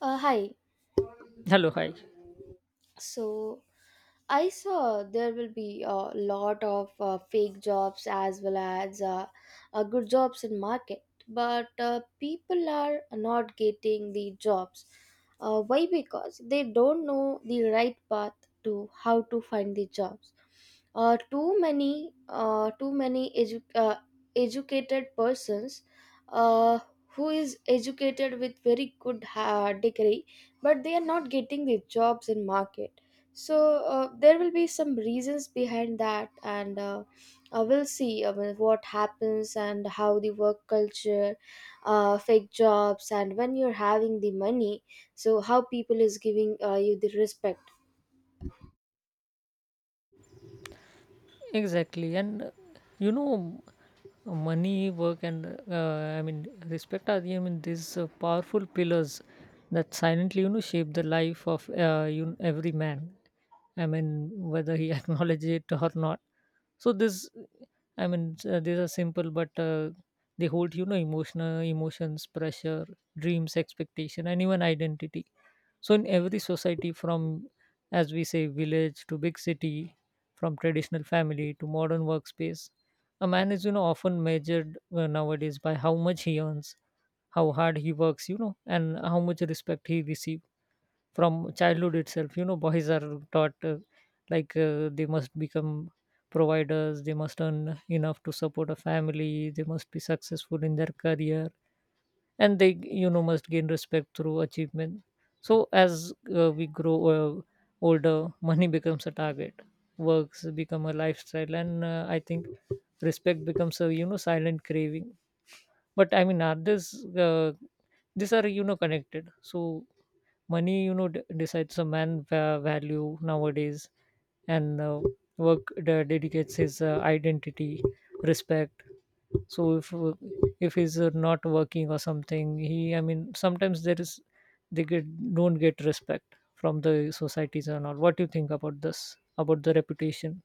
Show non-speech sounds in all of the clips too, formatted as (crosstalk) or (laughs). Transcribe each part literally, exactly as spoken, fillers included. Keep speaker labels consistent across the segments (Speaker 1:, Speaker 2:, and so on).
Speaker 1: Uh, hi,
Speaker 2: Hello, hi.
Speaker 1: so I saw there will be a lot of uh, fake jobs as well as uh, uh, good jobs in market, but uh, people are not getting the jobs. Uh, why because they don't know the right path to how to find the jobs. Uh, too many uh, too many edu- uh, educated persons, uh, who is educated with very good uh, degree, but they are not getting the jobs in market. So uh, there will be some reasons behind that, and uh, uh, we'll see, I mean, what happens, and how the work culture, uh, fake jobs, and when you're having the money, so how people is giving uh, you the respect.
Speaker 2: Exactly, and uh, you know, money, work, and uh, I mean respect are the- I mean these uh, powerful pillars that silently you know shape the life of uh, you every man. I mean whether he (laughs) acknowledges it or not. So this, I mean, s- uh, these are simple, but uh, they hold you know emotional emotions, pressure, dreams, expectation, and even identity. So in every society, from as we say village to big city, from traditional family to modern workspace. A man is, you know, often measured uh, nowadays by how much he earns, how hard he works, you know, and how much respect he receives from childhood itself. You know, boys are taught uh, like uh, they must become providers, they must earn enough to support a family, they must be successful in their career, and they you know must gain respect through achievement. So as uh, we grow uh, older, (laughs) money becomes a target, works become a lifestyle, and uh, I think respect becomes a you know silent craving. But I mean, are this uh, these are you know connected. So money, you know d- decides a man va- value nowadays, and uh, work de- dedicates his uh, identity respect. So if uh, if he's uh, not working or something, he, I mean, sometimes there is, they get, don't get respect from the societies or not. What do you think about this, about the reputation?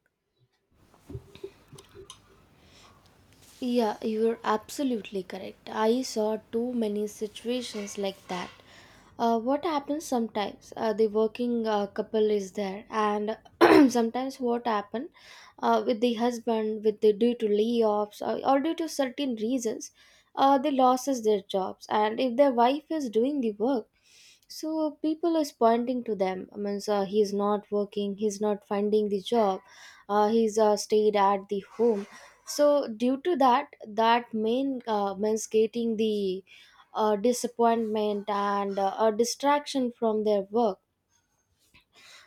Speaker 1: Yeah, you're absolutely correct. I saw too many situations like that. Uh, what happens sometimes? Uh, the working uh, couple is there, and (clears throat) sometimes what happen, uh, with the husband, with the due to layoffs or, or due to certain reasons, uh, they loses their jobs, and if their wife is doing the work, so people is pointing to them. I mean, uh, he is not working, he's not finding the job, uh, he's uh, stayed at the home, so due to that that main uh, means getting the uh, disappointment and uh, a distraction from their work.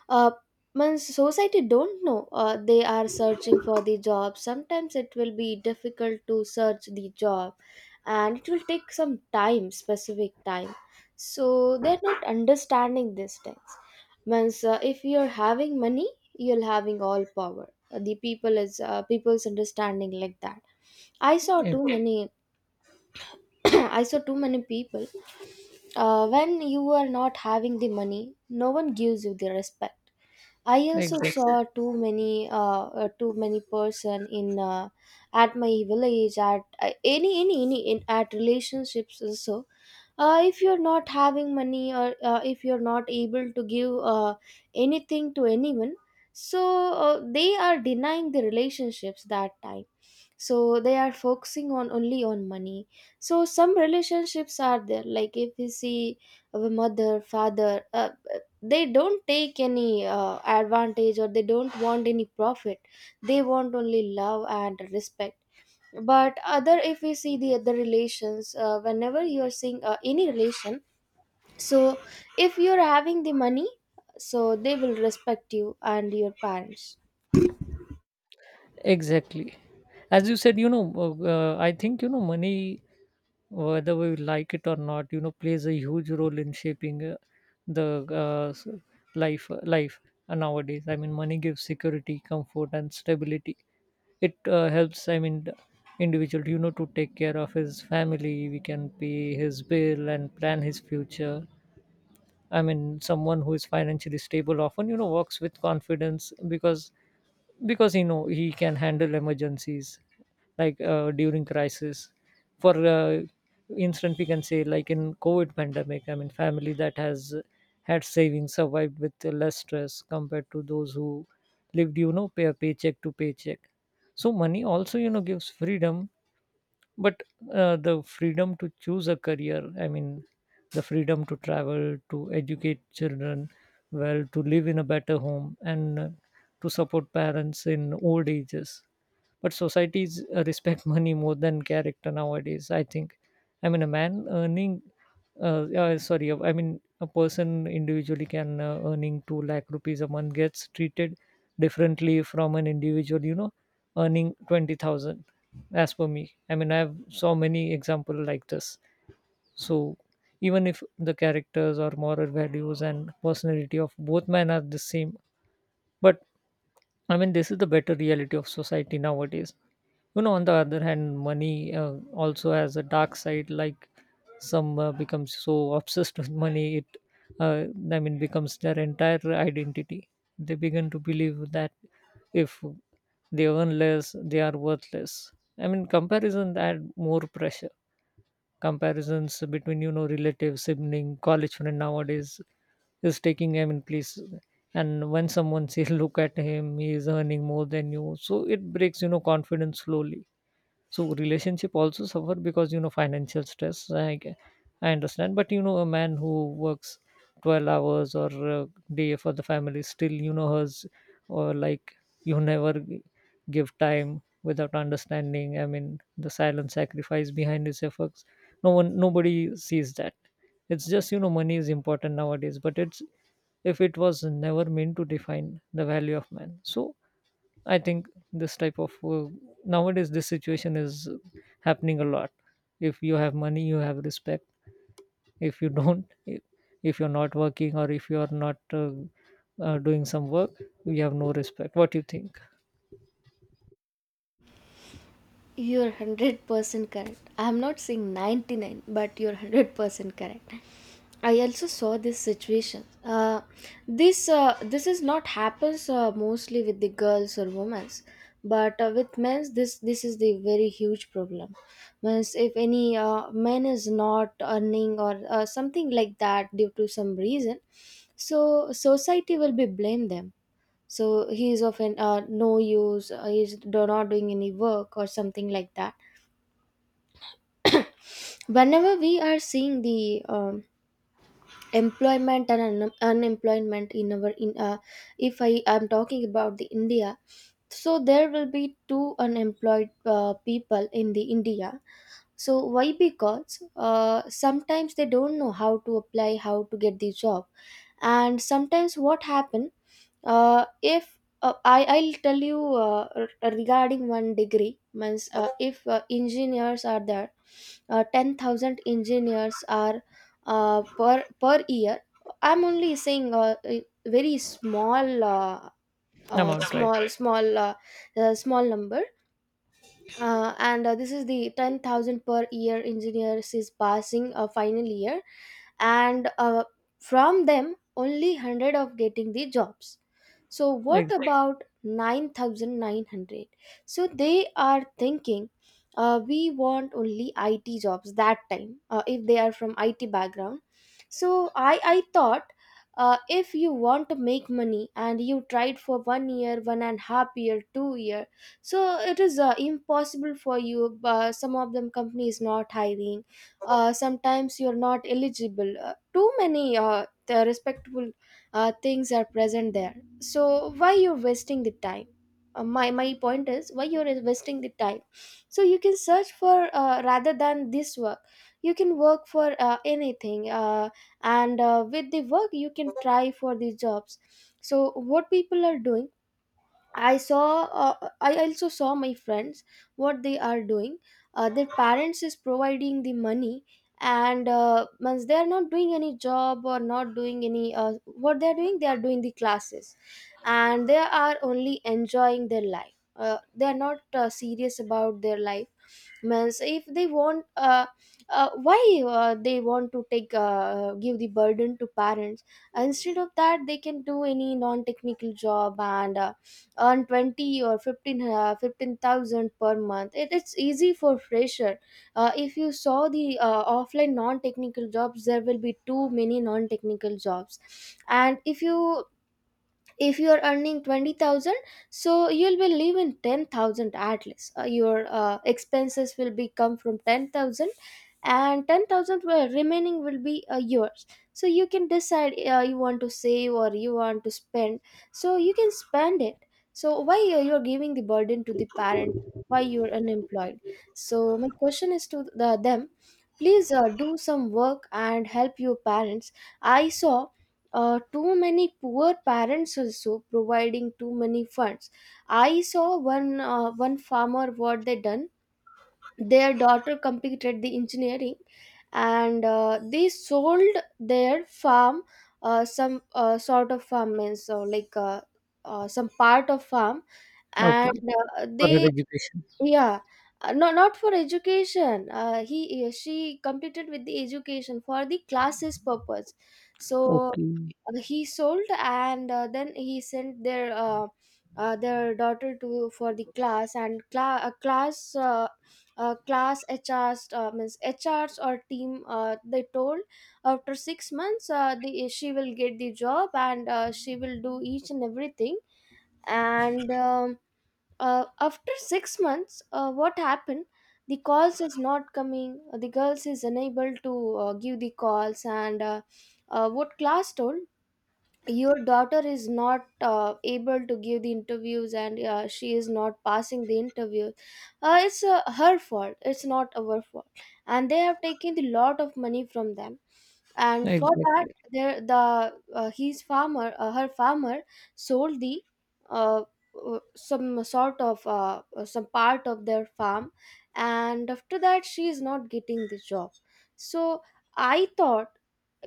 Speaker 1: uh, Man, society don't know, uh, they are searching for the job. Sometimes it will be difficult to search the job, and it will take some time, specific time, so they're not understanding these things. Means uh, if you're having money, you're having all power. Uh, the people is uh, people's understanding like that. I saw too many, (clears throat) I saw too many people. Uh, when you are not having the money, no one gives you the respect. I also
Speaker 2: Exactly,
Speaker 1: saw too many, uh, uh, too many person in uh, at my village, at uh, any any any in, at relationships also. Uh, if you're not having money, or uh, if you're not able to give uh, anything to anyone, so uh, they are denying the relationships that time. So they are focusing on only on money. So some relationships are there, like if you see a mother father, uh, they don't take any uh, advantage, or they don't want any profit. They want only love and respect. But other, if we see the other relations, uh, whenever you are seeing uh, any relation, so if you're having the money, so they will respect you and your parents.
Speaker 2: exactly. As you said, you know uh, uh, I think, you know money, whether we like it or not, you know plays a huge role in shaping uh, the uh, s- life life nowadays. I mean, money gives security, comfort, and stability. It uh, helps, I mean, the individual you know to take care of his family. We can pay his bill and plan his future. I mean, someone who is financially stable often you know works with confidence, because because he know he can handle emergencies like uh, during crisis. For uh, instance, we can say like in COVID pandemic, I mean family that has had savings survived with less stress compared to those who lived, you know pay paycheck to paycheck. So money also you know gives freedom, but uh, the freedom to choose a career, I mean the freedom to travel, to educate children well, to live in a better home, and uh, to support parents in old ages. But societies uh, respect (laughs) money more than character nowadays, I think. I mean, a man earning, uh, uh, sorry, I mean, a person individually can uh, earning two lakh rupees lakh rupees a month gets treated differently from an individual, you know, earning twenty thousand as per me. I mean, I have so many example like this. So even if the characters or moral values and personality of both men are the same, but I mean, this is the better reality of society nowadays. You know, on the other hand, money uh, also has a dark side. Like some uh, becomes so (laughs) obsessed with money, it uh, I mean becomes their entire identity. They begin to believe that if they earn less, they are worthless. I mean, comparison add more pressure. Comparisons between you know relatives, sibling, college friend nowadays is taking, I mean, place. And when someone (laughs) says, "Look at him, he is earning more than you," so it breaks you know confidence slowly, so relationship also suffer because you know financial stress. I g- I understand, but you know a man who works twelve hours or a day for the family still you know has, or like you never g- give time without understanding. I mean the silent sacrifice behind his efforts. No one, nobody sees that. It's just you know money is important nowadays, but it's, if it was never meant to define the value of man. So I think this type of uh, nowadays this situation is happening a lot. If you have money, you have respect. If you don't, i- if you're not working or if you are not uh, uh, doing some work, you have no respect. What do you think?
Speaker 1: You're one hundred percent correct. I'm not saying ninety-nine, but you're one hundred percent correct. I also saw this situation. Uh, this uh, this is not happens uh, mostly with the girls or women, but uh, with men, this this is the very huge problem. Means if any uh, man is not earning, or uh, something like that due to some reason, so society will be blame them. So he is of an uh, no use, uh, he's do- not doing any work or something like that. (coughs) Whenever we are seeing the um, employment and un- unemployment in our, in uh, if I am talking about the india, so there will be two unemployed uh, people in the india. So why? Because uh, sometimes they don't know how to apply, how to get the job. And sometimes what happen, uh, if uh, I, I'll tell you, uh, r- regarding one degree, means uh, if uh, engineers are there, uh, ten thousand engineers are uh, per per year. I'm only saying uh, a very small, uh, uh,
Speaker 2: Amount, right?
Speaker 1: small small uh, uh, small number. Uh, and uh, this is the ten thousand per year engineers is passing a final year. And uh, from them, only one hundred of getting the jobs. So what
Speaker 2: Ex-
Speaker 1: about nine thousand nine hundred? So they are thinking, uh, we want only it jobs. That time, uh, if they are from it background, so i i thought, uh, if you want to make money and you tried for one year, one and a half year, two year, so it is uh, impossible for you. Uh, some of them company is not hiring, uh, sometimes you're not eligible, uh, too many uh, the respectable uh, things are present there. So why you're wasting the time? Uh, my my point is, why you're wasting the time? So you can search for, uh, rather than this work, you can work for uh, anything, uh, and uh, with the work, you can try for the jobs. So what people are doing? I saw. Uh, I also saw my friends what they are doing. Uh, their parents is providing the money, and uh, once they are not doing any job, or not doing any uh, what they are doing, they are doing the classes, and they are only enjoying their life. Uh, they are not uh, serious about their life. Means if they want, uh, uh, why uh, they want to take uh, give the burden to parents? Instead of that, they can do any non-technical job, and uh, earn twenty or fifteen, uh, fifteen thousand per month. It, it's easy for fresher. Uh, if you saw the uh, offline non-technical jobs, there will be too many non-technical jobs. And if you, if you are earning twenty thousand, so you'll be leaving ten thousand at least. Uh, your uh, expenses will be come from ten thousand, and ten thousand will- remaining will be uh, yours. So you can decide, uh, you want to save or you want to spend, so you can spend it. So why uh, you're giving the burden to the parent? Why you're unemployed? So my question is to the them, please uh, do some work and help your parents. I saw uh, too many poor parents also providing too many funds. I saw one uh, one farmer, what they done. Their daughter completed the engineering, and uh, they sold their farm, uh, some uh, sort of farm, means so like, uh, uh, some part of farm.
Speaker 2: okay,
Speaker 1: And uh,
Speaker 2: for her
Speaker 1: they,
Speaker 2: education.
Speaker 1: yeah, uh, no, not for education. Uh, he, uh, she completed with the education for the classes purpose. So
Speaker 2: Okay,
Speaker 1: uh, he sold, and uh, then he sent their, uh, uh, their daughter to for the class. And cla- uh, class uh, uh, class H Rs, uh, means H Rs or team. Uh, they told, after six months, uh, the she will get the job, and uh, she will do each and everything. And, um, uh, after six months, uh, what happened? The calls is not coming. The girls is unable to uh, give the calls, and uh, uh, what class told? Your daughter is not uh, able to give the interviews, and uh, she is not passing the interview. Uh, it's uh, her fault, it's not our fault. And they have taken the lot of money from them, and for that,
Speaker 2: exactly,
Speaker 1: there the uh, his farmer uh, her farmer sold the, uh, uh, some sort of uh, uh, some part of their farm. And after that, she is not getting the job. So I thought,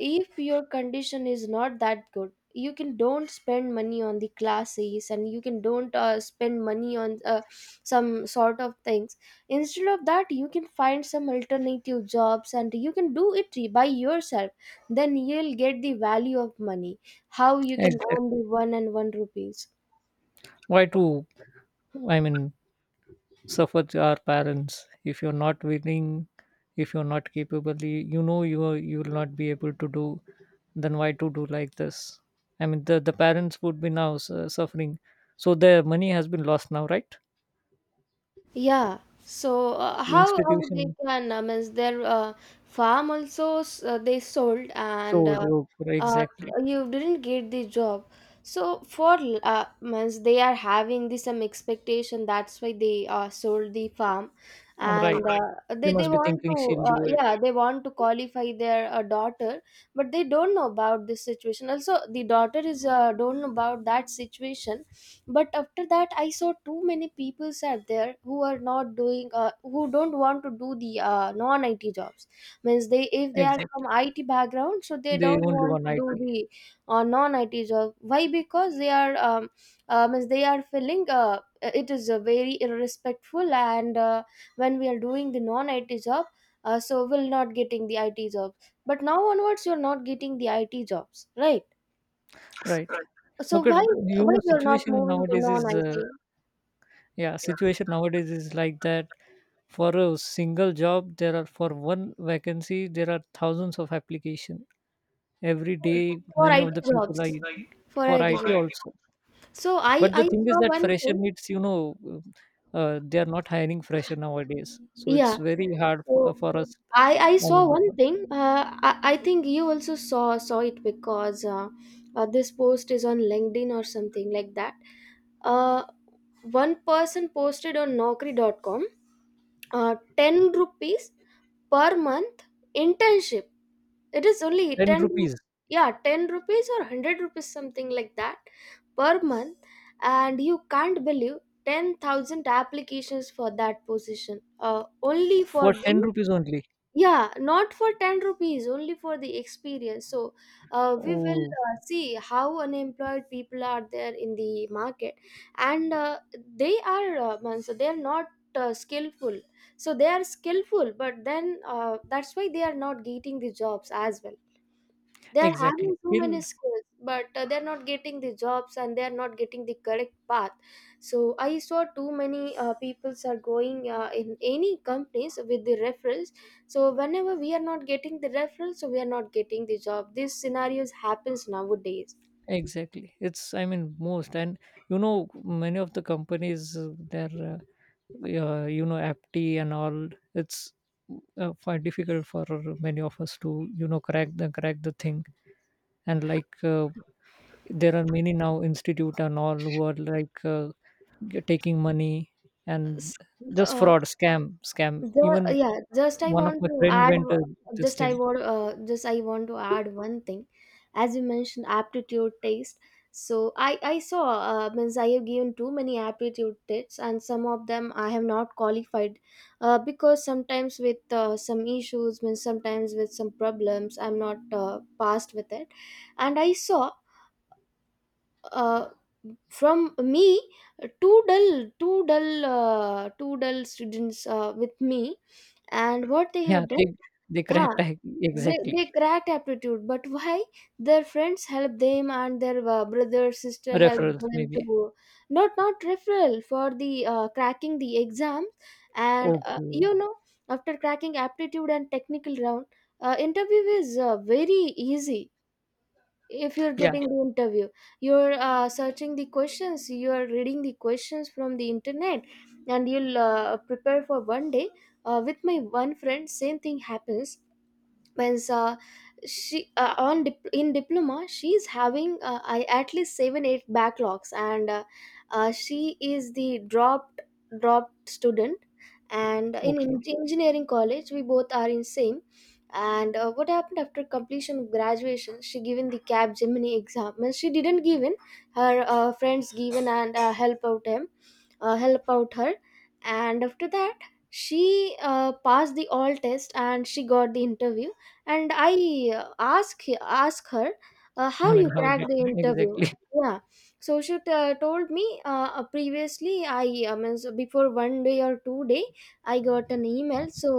Speaker 1: if your condition is not that good, you can don't spend money on the classes, and you can don't uh, spend money on uh, some sort of things. Instead of that, you can find some alternative jobs, and you can do it by yourself. Then you'll get the value of money, how you can earn
Speaker 2: exactly.
Speaker 1: the one and one rupees.
Speaker 2: Why to? I mean, suffer our parents. If you're not willing, if you're not capable, y- you know you are, you will not be able to do, then why to do like this? I mean, the, the parents would be now su- suffering. So their money has been lost now, right?
Speaker 1: Yeah. So uh,
Speaker 2: So
Speaker 1: how how they
Speaker 2: institution.
Speaker 1: can, uh, means their uh, farm also, s- uh, they sold. And
Speaker 2: Sold,
Speaker 1: uh,
Speaker 2: oh,
Speaker 1: uh,
Speaker 2: exactly,
Speaker 1: you didn't get the job. So for l- uh, means they are having the some expectation. That's why they uh, sold the farm,
Speaker 2: I'm right.
Speaker 1: and uh,
Speaker 2: They
Speaker 1: they they
Speaker 2: must be
Speaker 1: want
Speaker 2: thinking
Speaker 1: to,
Speaker 2: she'll
Speaker 1: uh,
Speaker 2: do it.
Speaker 1: yeah, they want to qualify their uh, daughter, but they don't know about this situation. Also, the daughter is uh, don't know about that situation. But after that, I saw too many people are there who are not doing, uh, who don't want to do the uh, non it jobs. Means they, if they are from
Speaker 2: Exactly,
Speaker 1: it background, so they
Speaker 2: they
Speaker 1: don't
Speaker 2: only
Speaker 1: want
Speaker 2: want
Speaker 1: to
Speaker 2: it.
Speaker 1: do the uh, non it job. Why? Because they are, um, uh, means they are feeling uh, it is uh, very irrespectful. And uh, when we are doing the non it job, uh, so we'll not getting the it job. But now onwards, you're not getting the it jobs, right?
Speaker 2: Right.
Speaker 1: So
Speaker 2: Because,
Speaker 1: why
Speaker 2: you
Speaker 1: why
Speaker 2: know
Speaker 1: you're not
Speaker 2: situation
Speaker 1: moving to
Speaker 2: nowadays
Speaker 1: non
Speaker 2: is
Speaker 1: it?
Speaker 2: uh, yeah, situation nowadays is like that. For a single job, there are for one vacancy, there are thousands of application every day.
Speaker 1: For
Speaker 2: Many
Speaker 1: I T
Speaker 2: of the people are.
Speaker 1: jobs. For
Speaker 2: For
Speaker 1: I T
Speaker 2: I T
Speaker 1: jobs.
Speaker 2: also.
Speaker 1: So I
Speaker 2: But
Speaker 1: I
Speaker 2: the thing is
Speaker 1: saw
Speaker 2: that
Speaker 1: one
Speaker 2: fresher
Speaker 1: thing.
Speaker 2: needs, you know, uh, they are not hiring fresher nowadays. So
Speaker 1: Yeah.
Speaker 2: it's very hard for,
Speaker 1: So
Speaker 2: for us.
Speaker 1: I I
Speaker 2: I
Speaker 1: saw
Speaker 2: mean,
Speaker 1: one
Speaker 2: for
Speaker 1: thing. Uh, I I think you also saw saw it, because uh, uh, this post is on LinkedIn or something like that. Uh, one person posted on naukri dot com, uh, ten rupees per month internship. It is only
Speaker 2: ten
Speaker 1: ten,
Speaker 2: rupees
Speaker 1: yeah, ten rupees or one hundred rupees, something like that, per month. And you can't believe, ten thousand applications for that position. Uh, only for
Speaker 2: for ten
Speaker 1: the,
Speaker 2: rupees only.
Speaker 1: yeah, not for ten rupees, only for the experience. So uh, we will
Speaker 2: Oh,
Speaker 1: uh, see how unemployed people are there in the market. And uh, they are, uh, man, so they are not uh, skillful, so they are skillful, but then uh, that's why they are not getting the jobs as well. They're
Speaker 2: exactly.
Speaker 1: having too many
Speaker 2: Skill,
Speaker 1: skills, but uh, they're not getting the jobs, and they're not getting the correct path. So I saw too many uh, peoples are going uh, in any companies with the referrals. So whenever we are not getting the referrals, so we are not getting the job. This scenarios happens nowadays.
Speaker 2: exactly. It's, I mean, most. And, you know, many of the companies, uh, they uh, uh, you know apti and all. It's uh, quite difficult for many of us to you know crack the crack the thing. And like uh, there are many now institute and all who are like uh, g- taking money. And
Speaker 1: S-
Speaker 2: just
Speaker 1: uh,
Speaker 2: fraud, scam scam
Speaker 1: The
Speaker 2: even.
Speaker 1: yeah, just I
Speaker 2: One of
Speaker 1: want
Speaker 2: my
Speaker 1: to
Speaker 2: friend
Speaker 1: add.
Speaker 2: went to this
Speaker 1: Just I
Speaker 2: thing.
Speaker 1: want, uh, just I want to add one thing. As you mentioned, aptitude test. So I I saw, uh, means I have given too many aptitude tests, and some of them I have not qualified, uh, because sometimes with uh, some issues, means sometimes with some problems, I'm not uh, passed with it, and I saw, uh, from me, two dull two dull uh, two dull students uh, with me, and what they
Speaker 2: Yeah,
Speaker 1: have
Speaker 2: they
Speaker 1: done.
Speaker 2: they
Speaker 1: ah,
Speaker 2: cracked. I-
Speaker 1: they,
Speaker 2: exactly.
Speaker 1: they cracked aptitude, but why? Their friends help them, and their uh, brother sister help
Speaker 2: Referrals,
Speaker 1: them
Speaker 2: maybe.
Speaker 1: to not not referral for the uh, cracking the exam. And uh,
Speaker 2: Okay.
Speaker 1: you know after cracking aptitude and technical round, uh, interview is uh, very easy. If you're
Speaker 2: Yeah.
Speaker 1: getting the interview, you're uh, searching the questions, you are reading the questions from the internet, and you'll uh, prepare for one day. Uh, with my one friend, same thing happens. Means, uh, she uh, on dip- in diploma, she's having uh, I, at least seven eight backlogs, and uh, uh, she is the dropped dropped student. And in
Speaker 2: Okay.
Speaker 1: en- engineering college, we both are in same. And uh, what happened, after completion of graduation she given the Cap Gemini exam, means she didn't given. Her uh, friends given, and uh, help out him uh, help out her. And after that, she uh, passed the all test, and she got the interview. And I uh, ask ask her, uh,
Speaker 2: I
Speaker 1: how you
Speaker 2: mean, how
Speaker 1: cracked
Speaker 2: did.
Speaker 1: the interview.
Speaker 2: Exactly.
Speaker 1: Yeah. So she t- told me, uh, uh, previously I uh, means before one day or two day I got an email, so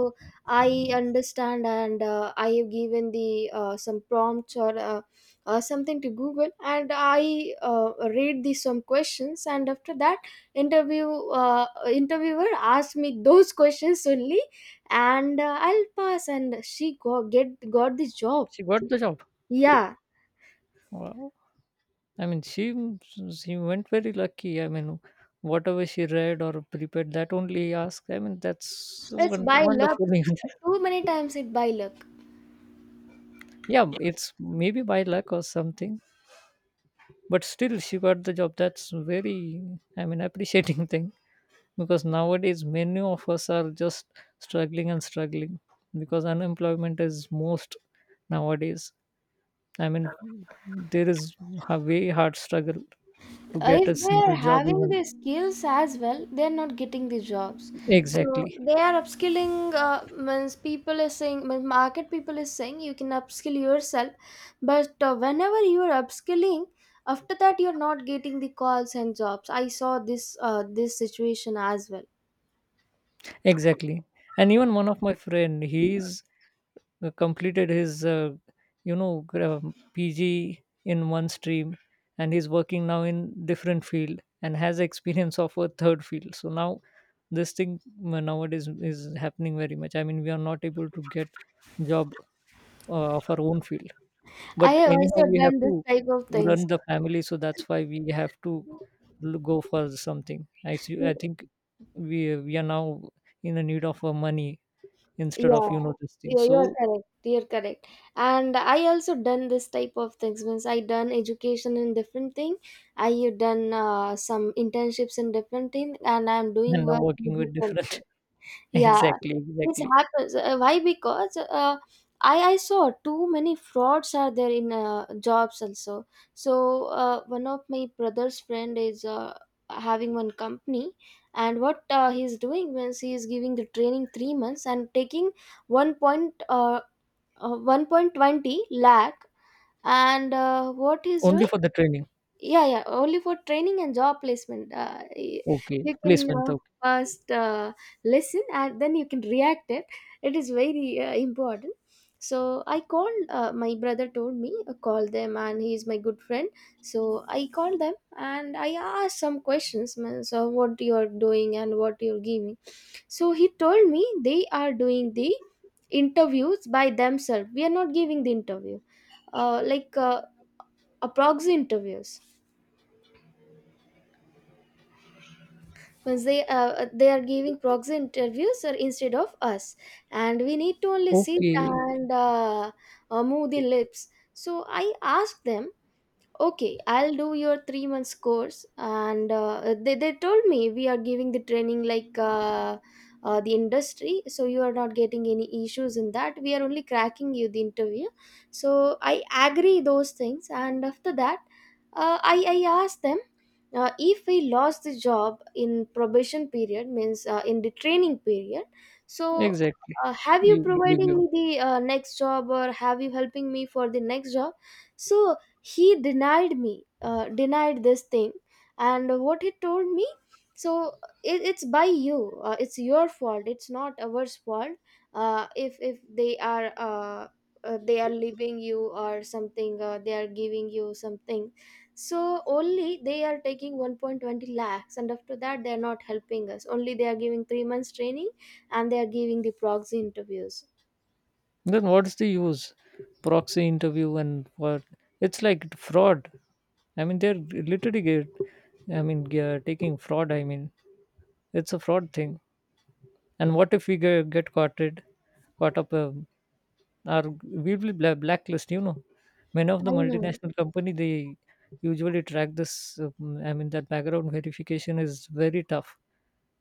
Speaker 1: I understand. And uh, I have given the uh, some prompts, or uh, uh, something to Google. And I uh, read the some questions. And after that, interview, uh, interviewer asked me those (laughs) questions only. And uh, I'll pass, and she go, get got this
Speaker 2: (laughs)
Speaker 1: job.
Speaker 2: She got the job.
Speaker 1: Yeah,
Speaker 2: Wow. I mean, she she went very lucky. I mean, whatever she read or prepared, that only asked. I mean, that's
Speaker 1: it's
Speaker 2: won-
Speaker 1: by luck.
Speaker 2: wonderful. (laughs)
Speaker 1: Too many times it by luck.
Speaker 2: Yeah, it's maybe by luck or something, but still she got the job. That's very, I mean, appreciating (laughs) thing, because nowadays many of us are just struggling and struggling, because unemployment is most nowadays. I mean, there is a very hard struggle to
Speaker 1: Uh,
Speaker 2: get
Speaker 1: if
Speaker 2: a
Speaker 1: they're
Speaker 2: single job
Speaker 1: having
Speaker 2: even.
Speaker 1: the skills as well, they're not getting the jobs. So
Speaker 2: Exactly.
Speaker 1: they are upskilling, uh, means people is saying, means market people is saying you can upskill yourself. But uh, whenever you are upskilling, after that you're not getting the calls and jobs. I saw this uh, this situation as well.
Speaker 2: Exactly. And even one of my friend, he's uh, completed his, uh, you know, gra- P G in one stream, and he's working now in different field and has experience of a third field. So now this thing uh, nowadays is happening very much. I mean, we are not able to get job uh, of our own field,
Speaker 1: I
Speaker 2: but
Speaker 1: have
Speaker 2: anyhow,
Speaker 1: also
Speaker 2: we have
Speaker 1: done this
Speaker 2: to
Speaker 1: type of things.
Speaker 2: run the family. So that's why we have to l- go for something. I see. I think we we are now in the need of uh, money instead of
Speaker 1: Yeah.
Speaker 2: you know this thing.
Speaker 1: Yeah, you are
Speaker 2: So,
Speaker 1: correct. You're correct. And I also done this type of things. Means I done education in different thing. I done uh, some internships in different thing, and I'm doing
Speaker 2: and now
Speaker 1: work in
Speaker 2: working with
Speaker 1: different
Speaker 2: different.
Speaker 1: thing.
Speaker 2: (laughs)
Speaker 1: Yeah,
Speaker 2: Exactly,
Speaker 1: this
Speaker 2: exactly.
Speaker 1: happens. Uh, why? Because uh, I I saw too many frauds are there in uh, jobs also. So uh, one of my brother's friend is uh, having one company, and what uh, he's doing, means he is giving the training three months and taking one point uh, uh, one point twenty lakh. And uh, what he's
Speaker 2: Only
Speaker 1: doing.
Speaker 2: for the training.
Speaker 1: Yeah, yeah, only for training and job placement. Uh, y-
Speaker 2: Okay,
Speaker 1: you can
Speaker 2: placement.
Speaker 1: uh,
Speaker 2: Okay.
Speaker 1: first uh, listen and then you can react it. It is very uh, important. So I called. Uh, my brother told me, uh, call them, and he is my good friend. So I called them and I asked some questions, man. So what you are doing and what you are giving? So he told me they are doing the interviews by themselves. We are not giving the interview, uh, like uh, a proxy interviews. Means they uh, they are giving proxy interviews or instead of us, and we need to only sit
Speaker 2: Okay,
Speaker 1: and uh, uh, move the lips. So I asked them, okay, I'll do your three months course. And uh, they, they told me we are giving the training like uh, uh, the industry, so you are not getting any issues in that, we are only cracking you the interview. So I agree those things, and after that, uh, i i asked them, uh, if we lost the job in probation period, means uh, in the training period. So,
Speaker 2: exactly,
Speaker 1: uh, have you
Speaker 2: you believe
Speaker 1: providing
Speaker 2: you.
Speaker 1: me the uh, next job, or have you helping me for the next job? So he denied me, uh, denied this thing. And what he told me, so it, it's by you, uh, it's your fault, it's not ours fault. Uh, if if they are uh, uh, they are leaving you or something, uh, they are giving you something. So only they are taking one point twenty lakhs, and after that they are not helping us, only they are giving three months training, and they are giving the proxy interviews.
Speaker 2: Then what's the use? Proxy interview and what? It's like fraud. I mean, they're literally get, I mean, ge- taking fraud. I mean, it's a fraud thing. And what if we get, get caught it, caught up, uh, are we will bla blacklist, you know. Many of the
Speaker 1: I know.
Speaker 2: multinational company, they usually track this. um, I mean, that background verification is very tough.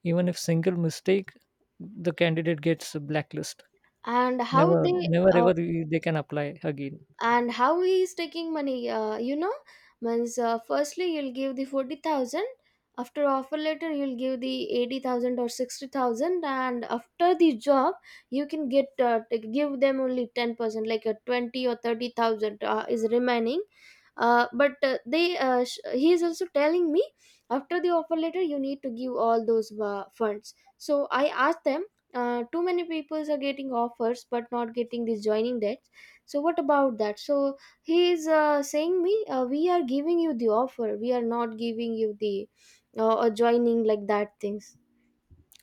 Speaker 2: Even if single mistake, the candidate gets a blacklist.
Speaker 1: and how
Speaker 2: Never,
Speaker 1: they
Speaker 2: never,
Speaker 1: uh,
Speaker 2: ever they can apply again.
Speaker 1: and how he is taking money, uh, you know means uh, firstly you'll give the forty thousand. After offer letter you'll give the eighty thousand or sixty thousand, and after the job you can get, uh, t- give them only ten percent like a twenty or thirty thousand, uh, is remaining. Uh, but uh, they uh, sh- he is also telling me, after the offer letter you need to give all those uh, funds. So I asked them, uh, too many people are getting offers but not getting this joining date. So what about that? So he is uh, saying me, uh, we are giving you the offer, we are not giving you the uh, adjoining like that things.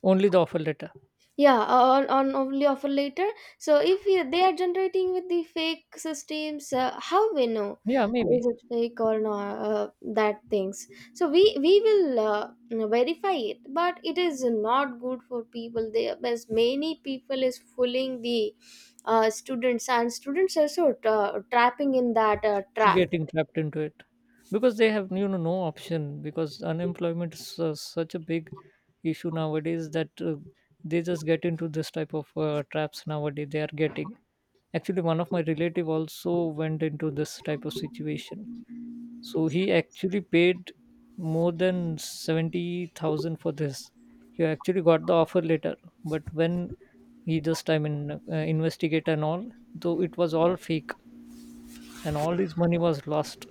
Speaker 2: Only the offer letter.
Speaker 1: Yeah, uh, on, on only offer later. So if you, they are generating with the fake systems, uh, how we know
Speaker 2: Yeah,
Speaker 1: is
Speaker 2: maybe.
Speaker 1: it fake or not, uh, that things. So we we will uh, verify it, but it is not good for people there, as many people is fooling the uh, students, and students also uh, trapping in that uh, trap.
Speaker 2: Getting trapped into it, because they have you know no option. Because unemployment is uh, such a big issue nowadays that uh, they just get into this type of uh, traps nowadays they are getting. Actually, one of my relative also went into this type of situation. So he actually paid more than seventy thousand for this. He actually got the offer later, but when he just, I mean, uh, investigate and all, though it was all fake, and all his money was lost.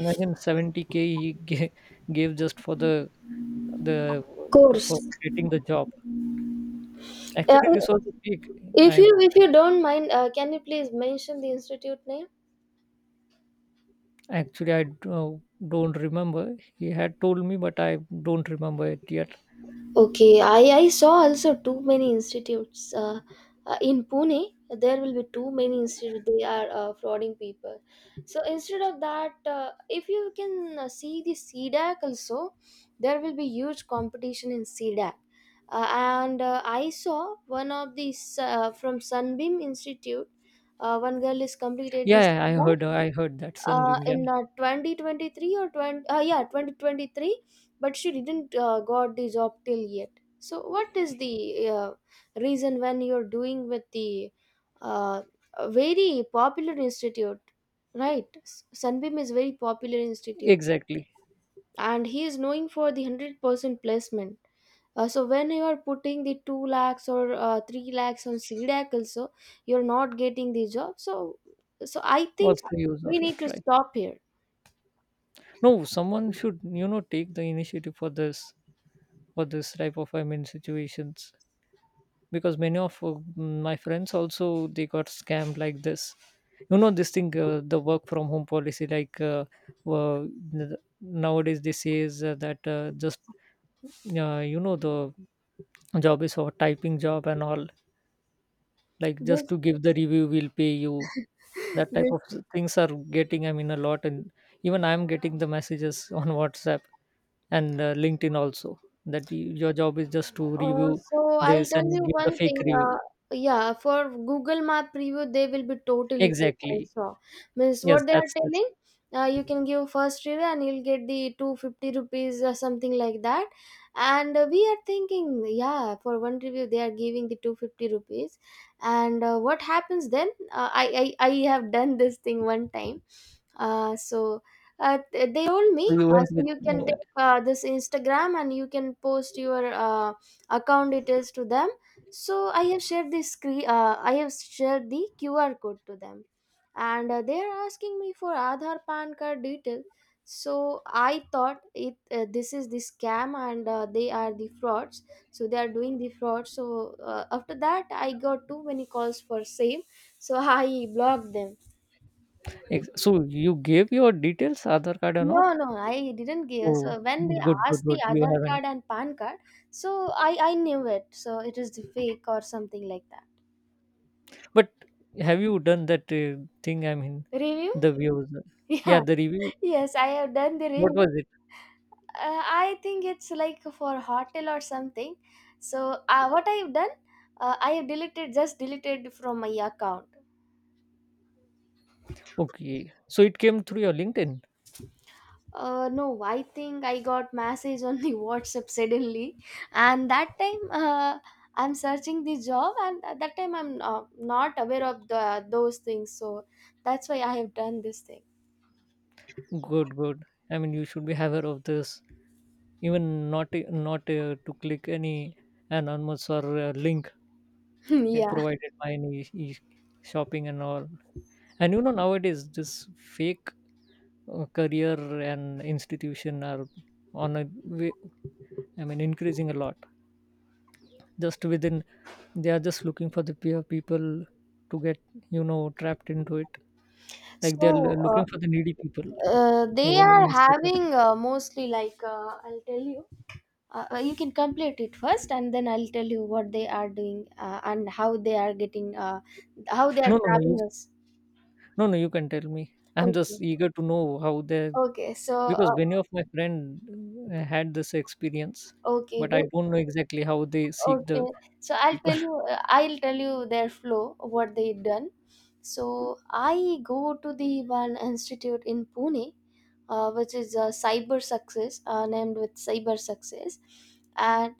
Speaker 2: Imagine seventy k he gave, gave just for the the to-
Speaker 1: Course.
Speaker 2: for getting the job.
Speaker 1: uh,
Speaker 2: Actually, this was the peak.
Speaker 1: if
Speaker 2: I
Speaker 1: you if you don't mind, uh, can you please mention the institute name?
Speaker 2: actually, I do- don't remember. He had told me, but I don't remember it yet.
Speaker 1: Okay, I, I saw also too many institutes. Uh, uh, in Pune, there will be too many institutes. They are uh, frauding people. So instead of that, uh, if you can uh, see the see dack also, there will be huge competition in see dack. Uh, and uh, I saw one of these uh, from Sunbeam Institute. Uh, one girl is completed this
Speaker 2: Yeah, yeah, I heard I heard that
Speaker 1: uh,
Speaker 2: Sunbeam. Yeah,
Speaker 1: in uh, twenty twenty-three, or 20 uh, yeah, twenty twenty-three. But she didn't uh, got the job till yet. So what is the uh, reason, when you're doing with the uh, a very popular institute? Right, S- sunbeam is very popular institute,
Speaker 2: exactly.
Speaker 1: and he is known for the one hundred percent placement. Uh, so when you are putting the two lakhs or uh, three lakhs on CDAC also, you're not getting the job. So, so I
Speaker 2: What's
Speaker 1: think
Speaker 2: the use of
Speaker 1: we need
Speaker 2: it,
Speaker 1: to
Speaker 2: right?
Speaker 1: stop here.
Speaker 2: No, someone should you know take the initiative for this, for this type of, I mean, situations. Because many of uh, my friends also they got scammed like this. You know this thing, uh, the work from home policy, like uh, uh, n- nowadays this is uh, that uh, just uh, you know the job is a typing job and all, like
Speaker 1: Des-
Speaker 2: just to give the review we'll pay you.
Speaker 1: (laughs)
Speaker 2: That type
Speaker 1: Desde,
Speaker 2: of things are getting, I mean, a lot. And even I'm getting the messages (laughs) on WhatsApp and uh, LinkedIn also, that y- your job is just to
Speaker 1: Uh,
Speaker 2: review
Speaker 1: so I'll
Speaker 2: this
Speaker 1: tell
Speaker 2: and
Speaker 1: you
Speaker 2: give the
Speaker 1: one
Speaker 2: fake
Speaker 1: thing.
Speaker 2: review.
Speaker 1: Uh, yeah, for Google Map review, they will be totally fake. I
Speaker 2: Exactly.
Speaker 1: saw. Means
Speaker 2: Yes,
Speaker 1: what they are
Speaker 2: that's it.
Speaker 1: telling, uh, you can give first review and you'll get the two fifty rupees or something like that. And uh, we are thinking, yeah, for one review they are giving the two fifty rupees. And uh, what happens then? Uh, I, I I have done this thing one time. Uh, so uh, th- they told me,
Speaker 2: So you
Speaker 1: uh,
Speaker 2: went
Speaker 1: so
Speaker 2: with
Speaker 1: you can
Speaker 2: uh,
Speaker 1: take uh, this Instagram and you can post your. Uh, account details to them. So I have shared this screen, uh, I have shared the Q R code to them, and uh, they are asking me for Aadhar pan card detail. So I thought it, uh, this is the scam, and uh, they are the frauds. So they are doing the fraud. So uh, after that, I got too many calls for same. So (laughs) I blocked them.
Speaker 2: ex- so you gave your details, Aadhaar card or
Speaker 1: no
Speaker 2: not?
Speaker 1: no I didn't give. So
Speaker 2: Oh,
Speaker 1: when they
Speaker 2: good, good,
Speaker 1: asked the
Speaker 2: good. You
Speaker 1: Aadhar
Speaker 2: haven't.
Speaker 1: card and pan card, so i i knew it, so it is the fake or something like that.
Speaker 2: But have you done that uh, thing? I mean,
Speaker 1: Review? (laughs)
Speaker 2: the views. uh, Yeah,
Speaker 1: Yeah.
Speaker 2: the review.
Speaker 1: Yes, I have done the
Speaker 2: What was
Speaker 1: review.
Speaker 2: it?
Speaker 1: Uh, I think it's like for hotel or something. So uh, what I've done, uh, I have deleted just deleted from my account.
Speaker 2: Okay. So it came through your LinkedIn.
Speaker 1: Uh, no, I think I got message on the (laughs) WhatsApp suddenly, and that time uh, I'm searching the job, and at that time I'm uh, not aware of the those things. So that's why I have done this thing.
Speaker 2: Good, good. I mean, you should be aware of this. Even not uh, not uh, to click any anonymous or uh, link
Speaker 1: (laughs)
Speaker 2: uh,
Speaker 1: Yeah.
Speaker 2: provided by any e- e-, shopping and all. And you know, nowadays, this fake uh, career and institution are on a way, I mean, increasing a lot. Just within, they are just looking for the peer people to get, you know, trapped into it. Like they're
Speaker 1: So
Speaker 2: l-
Speaker 1: uh,
Speaker 2: looking for the needy people
Speaker 1: uh, they
Speaker 2: who are
Speaker 1: are
Speaker 2: in search of.
Speaker 1: having uh, mostly like, uh, I'll tell you. Uh, uh, you can complete it first, and then I'll tell you what they are doing, uh, and how they are getting, uh, how they are
Speaker 2: No, no, no, you,
Speaker 1: trapping us.
Speaker 2: no, no, you can tell me. I'm
Speaker 1: Okay,
Speaker 2: just eager to know how they,
Speaker 1: okay. So
Speaker 2: because
Speaker 1: uh,
Speaker 2: many of my friend uh, had this experience,
Speaker 1: okay,
Speaker 2: but I don't know exactly how they seek
Speaker 1: okay,
Speaker 2: the
Speaker 1: so I'll
Speaker 2: people
Speaker 1: tell you,
Speaker 2: (laughs)
Speaker 1: I'll tell you their flow, what they done. So I go to the one institute in Pune, uh, which is a cyber success, uh, named with cyber success, and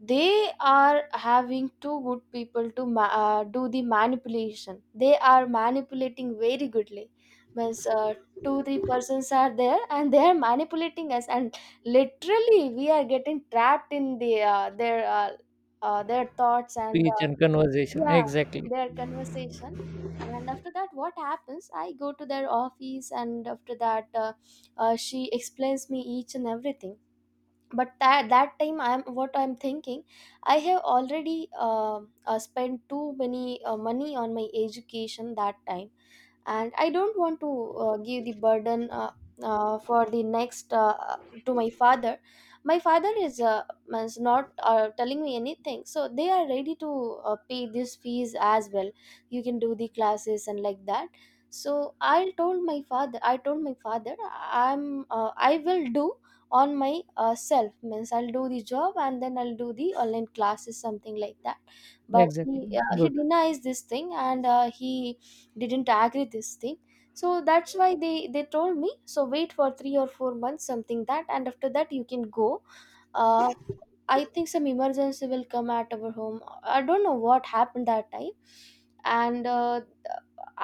Speaker 1: they are having two good people to ma- uh, do the manipulation. They are manipulating very goodly. Means uh, two three persons are there and they are manipulating us, and literally we are getting trapped in the uh, their uh, uh, their thoughts and
Speaker 2: speech
Speaker 1: uh,
Speaker 2: and conversation.
Speaker 1: yeah,
Speaker 2: Exactly.
Speaker 1: their conversation. And after that, what happens, I go to their office. And after that, uh, uh, she explains me each and everything. But that that time, I'm what I'm thinking, I have already uh, uh, spent too many uh, money on my education that time. And I don't want to uh, give the burden, uh, uh, for the next, uh, to my father. My father is uh, is not uh, telling me anything, so they are ready to uh, pay this fees as well. You can do the classes and like that. So I told my father, i told my father i'm uh, I will do on my uh, self, means I'll do the job and then I'll do the online classes, something like that. But
Speaker 2: Exactly,
Speaker 1: he, uh, he
Speaker 2: good.
Speaker 1: denies this thing, and uh, he didn't agree this thing. So that's why they they told me, so wait for three or four months, something that, and after that you can go. uh, I think some emergency will come at our home. I don't know what happened that time, and uh,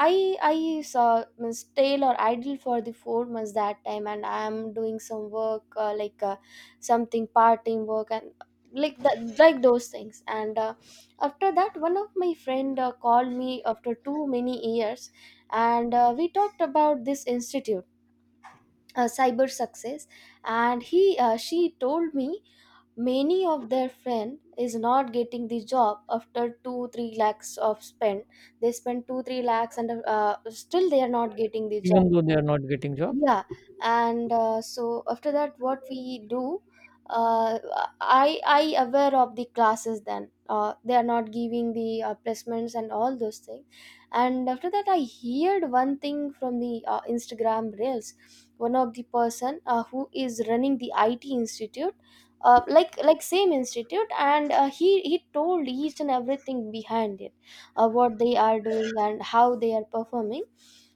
Speaker 1: I I saw, means stale or idle for the four months that time, and I am doing some work, uh, like uh, something part time work and like that, like those things. And uh, after that, one of my friend uh, called me after too many years, and uh, we talked about this institute, uh, cyber success, and he uh, she told me many of their friend is not getting the job after two three lakhs of spend. They spend two three lakhs and uh, still they are not getting the job.
Speaker 2: Even though they are not getting job.
Speaker 1: Yeah. And uh, so after that, what we do, uh, i i aware of the classes. Then uh, they are not giving the uh, placements and all those things. And after that, I heard one thing from the uh, Instagram reels. One of the person uh, who is running the IT institute, uh, like like same institute, and uh, he he told each and everything behind it, uh, what they are doing and how they are performing.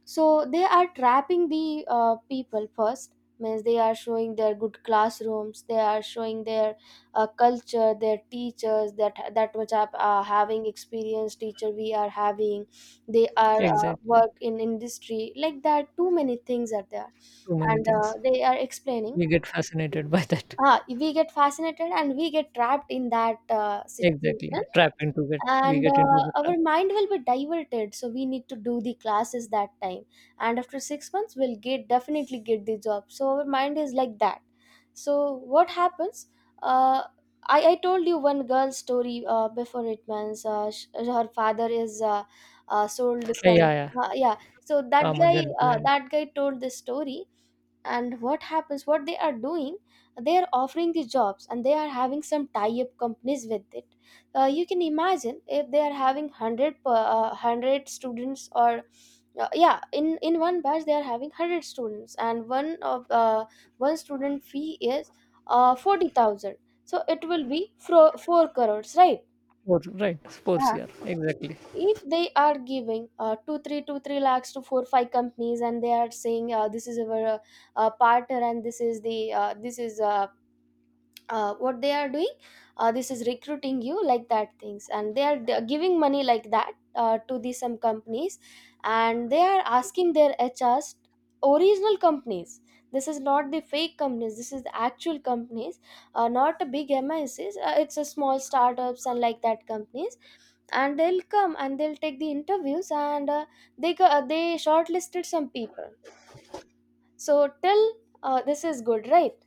Speaker 1: So they are trapping the uh, people first. Means they are showing their good classrooms, they are showing their uh, culture, their teachers, that that much are uh, having experienced teacher we are having. They are uh,
Speaker 2: Exactly,
Speaker 1: work in industry, like that too many things are there.
Speaker 2: too many
Speaker 1: And uh,
Speaker 2: things.
Speaker 1: they are explaining.
Speaker 2: We get fascinated (laughs) by that.
Speaker 1: Ah we get fascinated and we get trapped in that uh, situation.
Speaker 2: Exactly, trap into it. We
Speaker 1: And
Speaker 2: get into
Speaker 1: uh,
Speaker 2: the
Speaker 1: our
Speaker 2: trap.
Speaker 1: mind will be diverted, so we need to do the classes that time. And after six months we'll get definitely get the job. So our mind is like that. So what happens, uh, I, I told you one girl story uh, before it. Means uh, sh- her father is, uh, uh,
Speaker 2: Uh,
Speaker 1: sold
Speaker 2: Yeah, yeah,
Speaker 1: some. Uh, yeah, so that
Speaker 2: farmer
Speaker 1: guy,
Speaker 2: than
Speaker 1: uh,
Speaker 2: plant.
Speaker 1: that guy told this story. And what happens, what they are doing, they are offering the jobs and they are having some tie-up companies with it. Uh, you can imagine, if they are having hundred per, uh, hundred students, or uh, yeah, in in one batch they are having hundred students, and one of uh, one student fee is uh, forty thousand. So it will be fro- four crores, right?
Speaker 2: Or, right, sports year. Exactly,
Speaker 1: If they are giving uh, two three two three lakhs to four five companies, and they are saying uh, this is our uh, uh, partner, and this is the uh, this is uh, uh, what they are doing, uh, this is recruiting you like that things, and they are d- giving money like that uh, to these some companies. And they are asking their HRs, original companies, this is not the fake companies, this is the actual companies. Uh, not a big mscs, uh, it's a small startups and like that companies. And they'll come and they'll take the interviews, and uh, they go- uh, they shortlisted some people. So till, uh, this is good, right?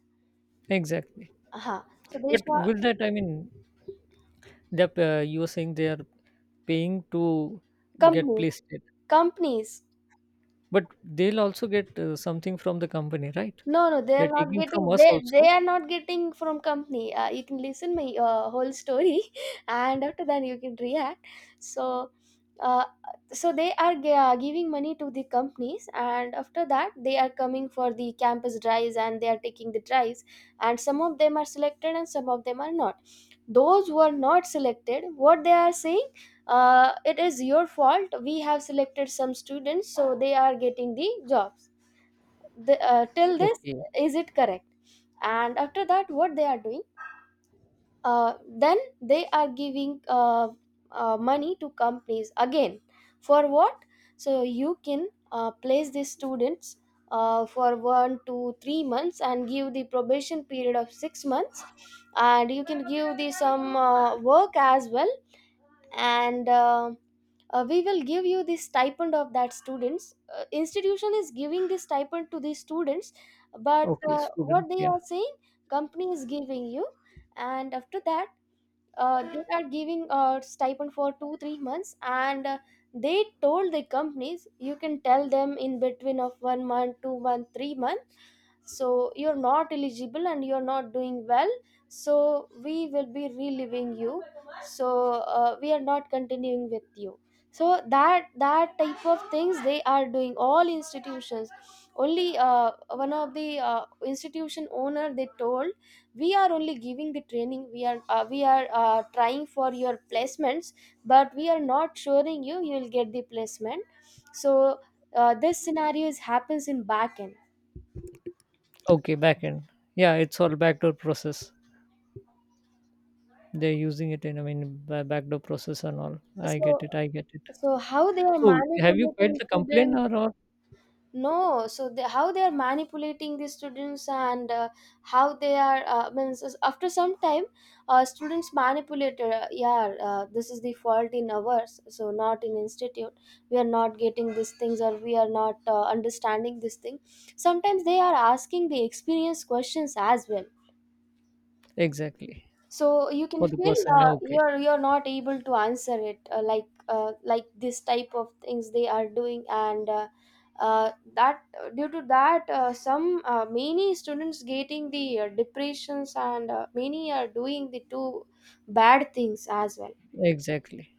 Speaker 2: exactly.
Speaker 1: Uh-huh. So they
Speaker 2: But
Speaker 1: short
Speaker 2: with that, I mean, that uh, you were saying they are paying to get
Speaker 1: companies.
Speaker 2: placed it,
Speaker 1: Companies.
Speaker 2: but they'll also get uh, something from the company, right?
Speaker 1: No, no, they are
Speaker 2: They're
Speaker 1: not
Speaker 2: taking from
Speaker 1: getting.
Speaker 2: us
Speaker 1: They they
Speaker 2: also.
Speaker 1: are not getting from company. Uh, you can listen my uh, whole story, (laughs) and after that you can react. So, uh, so they are g- uh, giving money to the companies, and after that they are coming for the campus drives, and they are taking the drives, and some of them are selected, and some of them are not. Those who are not selected, what they are saying, uh, it is your fault. We have selected some students, so they are getting the jobs. The, uh, till this,
Speaker 2: Okay,
Speaker 1: is it correct? And after that, what they are doing, uh, then they are giving uh, uh, money to companies again. For what? So you can uh, place these students, uh, for one to three months, and give the probation period of six months. And you can give the some uh, work as well. And uh, uh, we will give you the stipend of that students. Uh, institution is giving the stipend to the students. But
Speaker 2: okay,
Speaker 1: uh,
Speaker 2: student.
Speaker 1: what they
Speaker 2: Yeah,
Speaker 1: are saying, company is giving you. And after that, uh, they are giving a stipend for two three months, and uh, they told the companies, you can tell them in between of one month, two month, three month, so you're not eligible and you're not doing well, so we will be relieving you. So uh, we are not continuing with you. So that that type of things they are doing, all institutions. Only uh, one of the uh, institution owner they told, we are only giving the training, we are uh, we are uh, trying for your placements, but we are not assuring you you will get the placement. So uh, this scenario is happens in back end.
Speaker 2: okay, back end. Yeah, it's all backdoor process. They're using it in, I mean, ba backdoor process and all. I get
Speaker 1: so
Speaker 2: it. I get it.
Speaker 1: so how they are
Speaker 2: So have you filed
Speaker 1: manipulating
Speaker 2: the complaint
Speaker 1: students.
Speaker 2: or or
Speaker 1: No, so they, how they are manipulating the students, and uh, how they are, uh, means is after some time, uh, students manipulated, uh, yeah, uh, this is the fault in ours, so not in institute. We are not getting these things, or we are not uh, understanding this thing. Sometimes they are asking the experience questions as well.
Speaker 2: exactly.
Speaker 1: So you can
Speaker 2: For the
Speaker 1: feel
Speaker 2: person.
Speaker 1: uh,
Speaker 2: Okay.
Speaker 1: you're you're not able to answer it, uh, like uh, like this type of things they are doing, and uh, uh, that due to that uh, some uh, many students getting the uh, depressions, and uh, many are doing the two bad things as well.
Speaker 2: Exactly.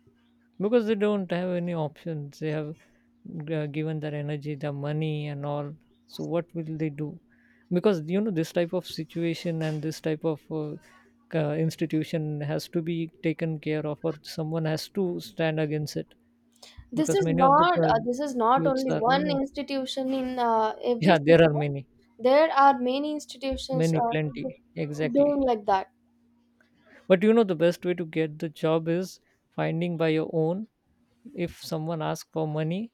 Speaker 2: Because they don't have any options. They have g given their energy, their money and all. So what will they do? Because, you know, this type of situation and this type of uh, c institution has to be taken care of or someone has to stand against it
Speaker 1: This
Speaker 2: because
Speaker 1: is
Speaker 2: many of the
Speaker 1: not,
Speaker 2: uh,
Speaker 1: uh, this is not
Speaker 2: youths
Speaker 1: only
Speaker 2: are, you
Speaker 1: one
Speaker 2: know,
Speaker 1: institution in uh,
Speaker 2: (laughs)
Speaker 1: every
Speaker 2: yeah, there are
Speaker 1: sector.
Speaker 2: many.
Speaker 1: There are many institutions
Speaker 2: Many,
Speaker 1: uh,
Speaker 2: plenty,
Speaker 1: doing
Speaker 2: exactly.
Speaker 1: like that.
Speaker 2: But you know, the best way to get the job is finding by your own. If someone asks for money,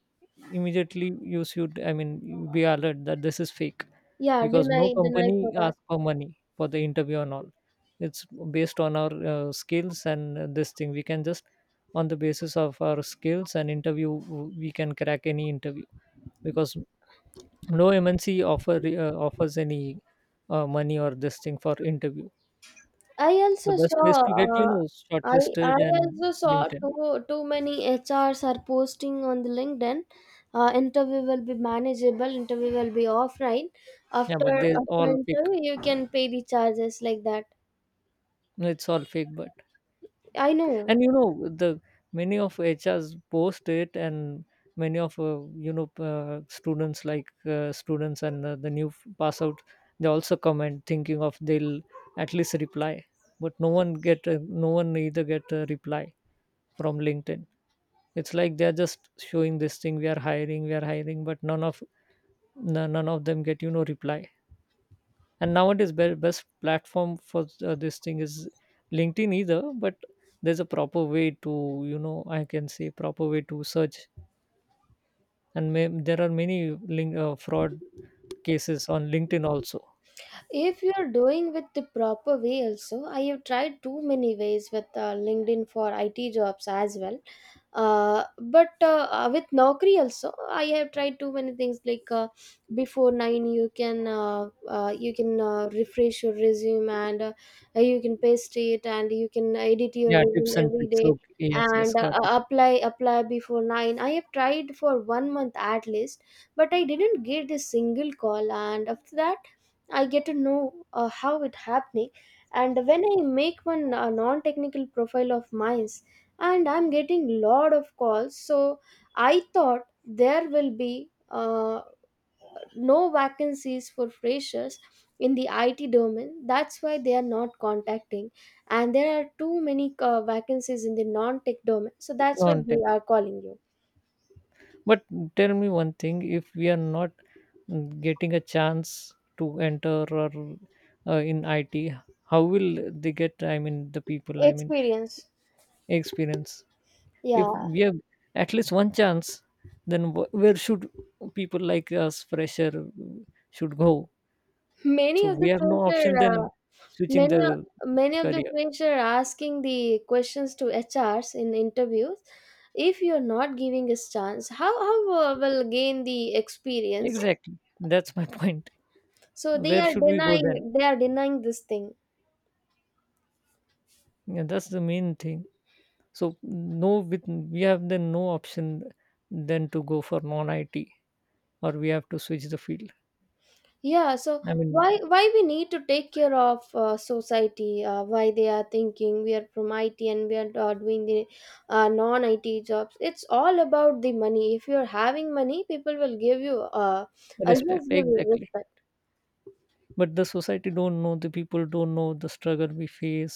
Speaker 2: immediately you should, I mean, you be alert that this is fake
Speaker 1: Yeah,
Speaker 2: because
Speaker 1: deny
Speaker 2: no
Speaker 1: deny for
Speaker 2: company
Speaker 1: that.
Speaker 2: asks for money for the interview and all. It's based on our uh, skills and uh, this thing. We can just, on the basis of our skills and interview, we can crack any interview because no M N C offer uh, offers any uh, money or this thing for interview.
Speaker 1: I
Speaker 2: The
Speaker 1: also
Speaker 2: best
Speaker 1: saw
Speaker 2: way to get, you
Speaker 1: uh,
Speaker 2: know,
Speaker 1: I I
Speaker 2: shortlisted and
Speaker 1: also saw
Speaker 2: LinkedIn.
Speaker 1: too too many H Rs are posting on the LinkedIn. Uh, interview will be manageable. Interview will be offline.
Speaker 2: Yeah,
Speaker 1: After
Speaker 2: but they
Speaker 1: after
Speaker 2: all fake.
Speaker 1: interview, you can pay the charges like that.
Speaker 2: No, it's all fake, but
Speaker 1: I know.
Speaker 2: and you know the many of H Rs post it, and many of uh, you know uh, students like uh, students and uh, the new f- pass out, they also comment thinking of they'll at least reply, but no one get a, no one either get a reply from LinkedIn. It's like they're just showing this thing we are hiring, we are hiring, but none of none none of them get, you know, reply. And nowadays be- best platform for uh, this thing is LinkedIn either, but there's a proper way to, you know, I can say proper way to search. And may, there are many link, uh, fraud cases on LinkedIn also.
Speaker 1: If you're doing with the proper way also, I have tried too many ways with uh, LinkedIn for IT jobs as well. Uh, but uh, uh, with Naukri also, I have tried too many things like uh, before nine, you can uh, uh, you can uh, refresh your resume, and uh, you can paste it, and you can edit your
Speaker 2: Yeah, tips
Speaker 1: resume
Speaker 2: and
Speaker 1: every
Speaker 2: tricks.
Speaker 1: day,
Speaker 2: Okay, yes,
Speaker 1: and
Speaker 2: yes,
Speaker 1: uh,
Speaker 2: got it.
Speaker 1: uh, apply apply before nine. I have tried for one month at least, but I didn't get a single call. And after that, I get to know uh, how it happening. And when I make one uh, non-technical profile of mines, and I'm getting lot of calls. So I thought there will be uh, no vacancies for freshers in the I T domain, that's why they are not contacting. And there are too many uh, vacancies in the non-tech domain, so that's why
Speaker 2: On
Speaker 1: they
Speaker 2: tech.
Speaker 1: are calling you.
Speaker 2: But tell me one thing, if we are not, mm, getting a chance to enter or uh, in IT, how will they get, I mean, the people, I mean,
Speaker 1: Experience.
Speaker 2: experience. If
Speaker 1: Yeah.
Speaker 2: we have at least one chance, then wh- where should people like us, fresher, should go?
Speaker 1: (laughs) Many
Speaker 2: So
Speaker 1: of
Speaker 2: we
Speaker 1: the
Speaker 2: have no
Speaker 1: fresher,
Speaker 2: option
Speaker 1: uh,
Speaker 2: than switching
Speaker 1: Many of,
Speaker 2: the
Speaker 1: many of the
Speaker 2: career.
Speaker 1: clients are asking the questions to H Rs in interviews. If you're not giving a chance, how how uh, will gain the experience?
Speaker 2: Exactly. That's my point.
Speaker 1: So they
Speaker 2: Where
Speaker 1: are
Speaker 2: should we go then?
Speaker 1: denying they are denying this thing.
Speaker 2: Yeah, that's the main thing. So no, with we have then no option than to go for non-I T, or we have to switch the field.
Speaker 1: Yeah. So
Speaker 2: I mean,
Speaker 1: why why we need to take care of uh, society? Uh, why they are thinking we are from I T and we are uh, doing the uh, non I T jobs? It's all about the money. If you're having money, people will give you uh,
Speaker 2: respect
Speaker 1: always give you
Speaker 2: exactly.
Speaker 1: respect.
Speaker 2: But the society don't know, the people don't know the struggle we face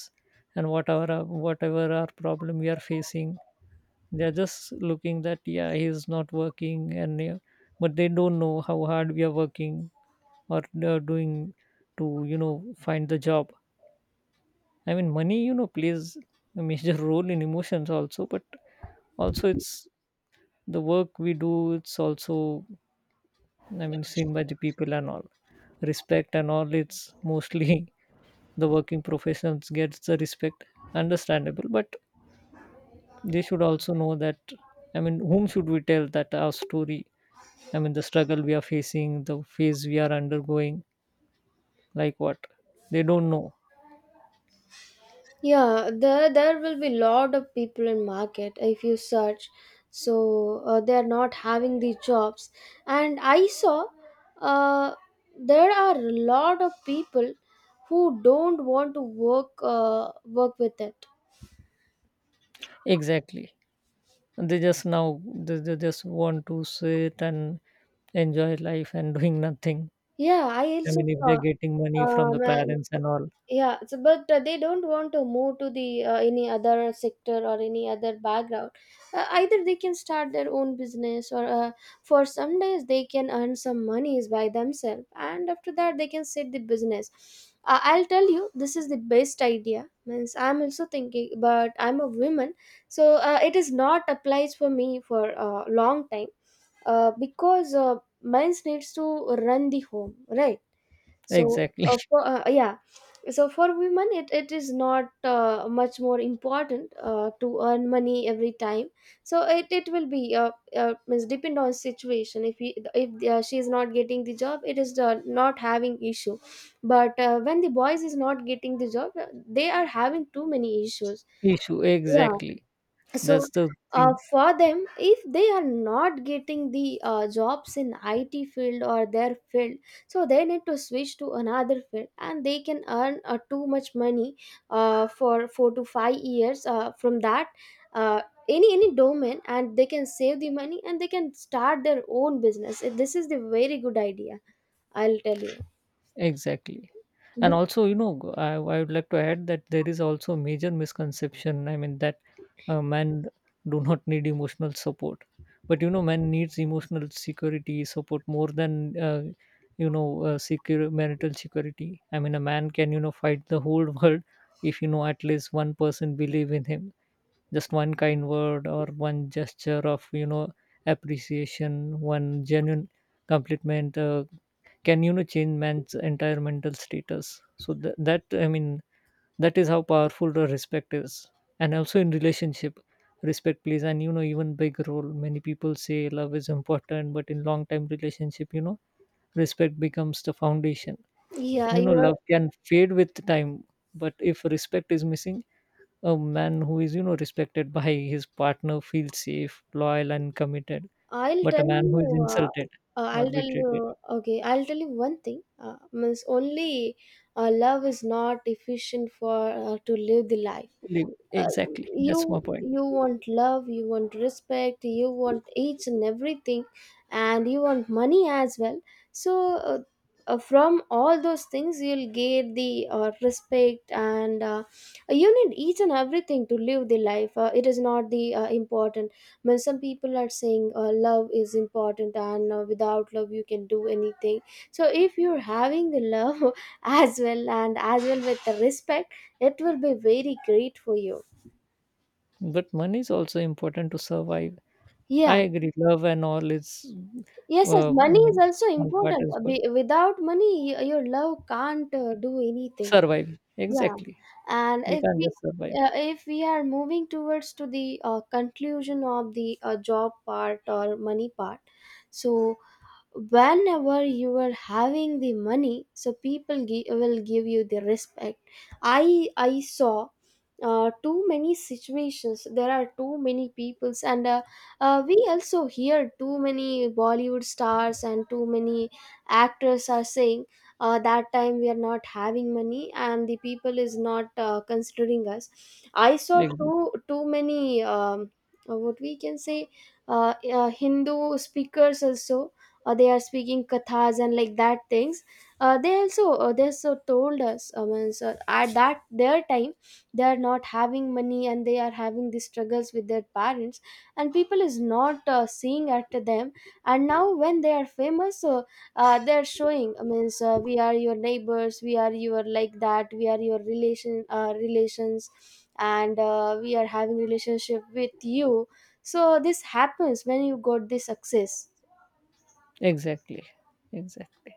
Speaker 2: and whatever our- whatever our problem we are facing, they are just looking that, yeah, he is not working and yeah, but they don't know how hard we are working or they are doing to, you know, find the job. I mean, money, you know, plays a major (laughs) role in emotions also, but also it's the work we do, it's also, I mean, seen by the people and all. Respect and all, it's mostly the working professions gets the respect, understandable, but they should also know that, I mean, whom should we tell that our story, I mean the struggle we are facing, the phase we are undergoing, like what, they don't know.
Speaker 1: Yeah, there there will be lot of people in market if you search. So uh, they are not having the jobs, and I saw uh, there are a lot of people who don't want to work uh, work with it.
Speaker 2: Exactly. And they just now they, they just want to sit and enjoy life and doing nothing.
Speaker 1: Yeah, I
Speaker 2: I
Speaker 1: also
Speaker 2: mean, if
Speaker 1: saw.
Speaker 2: they're getting money from the
Speaker 1: Um,
Speaker 2: parents and all,
Speaker 1: Yeah, it's, but uh, they don't want to move to the uh, any other sector or any other background. Uh, either they can start their own business, or uh, for some days they can earn some monies by themselves, and after that they can set the business. Uh, I'll tell you, this is the best idea. Means I'm also thinking, but I'm a woman, so uh, it is not applies for me for a long time, uh, because uh, men's needs to run the home, right? so
Speaker 2: exactly.
Speaker 1: uh, for, uh, yeah so for women it, it is not uh, much more important uh, to earn money every time. So it, it will be uh, uh, means depend on situation if he, if uh, she is not getting the job, it is the not having issue. But uh, when the boys is not getting the job, uh, they are having too many issues.
Speaker 2: (laughs) Issue
Speaker 1: Yeah.
Speaker 2: exactly.
Speaker 1: So
Speaker 2: That's the
Speaker 1: uh,
Speaker 2: thing.
Speaker 1: for them, if they are not getting the uh, jobs in IT field or their field, so they need to switch to another field and they can earn uh, too much money uh, for four to five years uh, from that uh, any any domain, and they can save the money and they can start their own business. This is the very good idea, I'll tell you.
Speaker 2: Exactly. And
Speaker 1: Be-
Speaker 2: also, you know, I I would like to add that there is also a major misconception. I mean, that uh, men do not need emotional support. But, you know, men needs emotional security support more than, uh, you know, uh, secure marital security. I mean, a man can, you know, fight the whole (laughs) world if, you know, at least one person believe in him. Just one kind word or one gesture of, you know, appreciation, one genuine compliment, uh, can, you know, change man's entire mental status. So th- that, I mean, that is how powerful the respect is. And also in relationship, respect plays and, you know, even big role. Many people say love is important, but in long time relationship, you know, respect becomes the foundation.
Speaker 1: Yeah,
Speaker 2: You know,
Speaker 1: you are.
Speaker 2: love can fade with time, but if respect is missing, a man who is, you know, respected by his partner feels safe, loyal and committed,
Speaker 1: I'll
Speaker 2: but a
Speaker 1: tell
Speaker 2: man who
Speaker 1: you.
Speaker 2: is
Speaker 1: Uh,
Speaker 2: insulted
Speaker 1: uh,
Speaker 2: or
Speaker 1: I'll tell you.
Speaker 2: betrayed
Speaker 1: Okay, I'll tell you one thing. Uh, means only uh, love is not efficient for uh, to live the life.
Speaker 2: leave.
Speaker 1: uh,
Speaker 2: Exactly, that's my
Speaker 1: you
Speaker 2: point.
Speaker 1: you want love, you want respect, you want each and everything, and you want money as well. So uh, uh, from all those things you'll get the uh, respect, and uh, you need each and everything to live the life. Uh, it is not the uh, important when some people are saying uh, love is important and uh, without love you can do anything. So if you're having the love (laughs) as well and as well with the respect, it will be very great for you.
Speaker 2: But money is also important to survive. I
Speaker 1: Yeah.
Speaker 2: agree love and all is,
Speaker 1: Yes, yes.
Speaker 2: uh, I
Speaker 1: Money is
Speaker 2: mean,
Speaker 1: also
Speaker 2: one part
Speaker 1: important.
Speaker 2: is
Speaker 1: Uh,
Speaker 2: good,
Speaker 1: be- Without money, y- your love can't uh, do anything.
Speaker 2: survive.
Speaker 1: Yeah.
Speaker 2: Exactly,
Speaker 1: And
Speaker 2: we
Speaker 1: if
Speaker 2: can't
Speaker 1: we
Speaker 2: just survive.
Speaker 1: uh, if we are moving towards to the uh, conclusion of the uh, job part or money part, so whenever you are having the money, so people gi- will give you the respect. I i saw uh, too many situations, there are too many peoples, and uh, uh, we also hear too many Bollywood stars and too many actors are saying uh, that time we are not having money and the people is not uh, considering us. I saw
Speaker 2: Ex-
Speaker 1: too too many um, uh, what we can say, uh, uh, Hindu speakers also, or they are speaking kathas and like that things. Uh, they also uh, they also told us, I mean, so at that their time they are not having money and they are having these struggles with their parents, and people is not uh, seeing after them. And now when they are famous, so uh, they're showing, I mean, so we are your neighbors, we are your like that, we are your relation uh, relations, and uh, we are having relationship with you. So this happens when you got this success.
Speaker 2: exactly, exactly.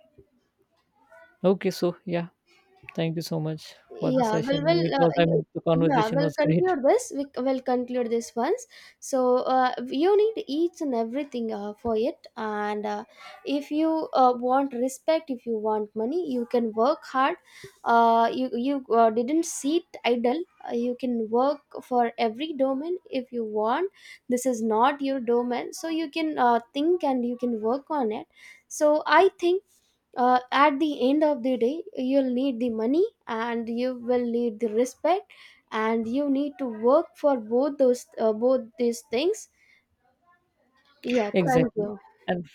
Speaker 2: Okay, so yeah, thank you so much for the
Speaker 1: Yeah,
Speaker 2: session.
Speaker 1: well, well,
Speaker 2: It
Speaker 1: uh,
Speaker 2: was, I
Speaker 1: y-
Speaker 2: mean, the
Speaker 1: Yeah,
Speaker 2: conversation
Speaker 1: we'll
Speaker 2: was great.
Speaker 1: conclude this. We will conclude this once. So uh, you need each and everything uh, for it. And uh, if you uh, want respect, if you want money, you can work hard. Uh, you you uh, didn't sit idle. Uh, you can work for every domain if you want. This is not your domain, so you can uh, think and you can work on it. So I think uh, at the end of the day you'll need the money and you will need the respect, and you need to work for both those uh, both these things. Yeah,
Speaker 2: (laughs)
Speaker 1: thank
Speaker 2: Exactly.
Speaker 1: you.
Speaker 2: and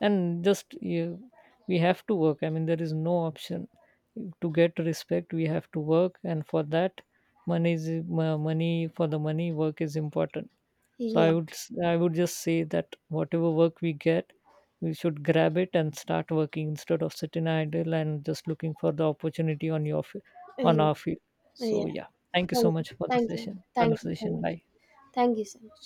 Speaker 2: and just you, we have to work, I mean, there is no option. To get respect, we have to work, and for that money is, mo- money for the money, work is important. So
Speaker 1: yeah
Speaker 2: I would s- I would just say that whatever work we get, we should grab it and start working instead of sitting idle and just looking for the opportunity on your fi- on our
Speaker 1: yeah
Speaker 2: field. So
Speaker 1: Yeah,
Speaker 2: yeah, thank you so
Speaker 1: thank you.
Speaker 2: much for the
Speaker 1: Thank you.
Speaker 2: session,
Speaker 1: Thank you so
Speaker 2: conversation,
Speaker 1: much.
Speaker 2: bye.
Speaker 1: Thank you so much.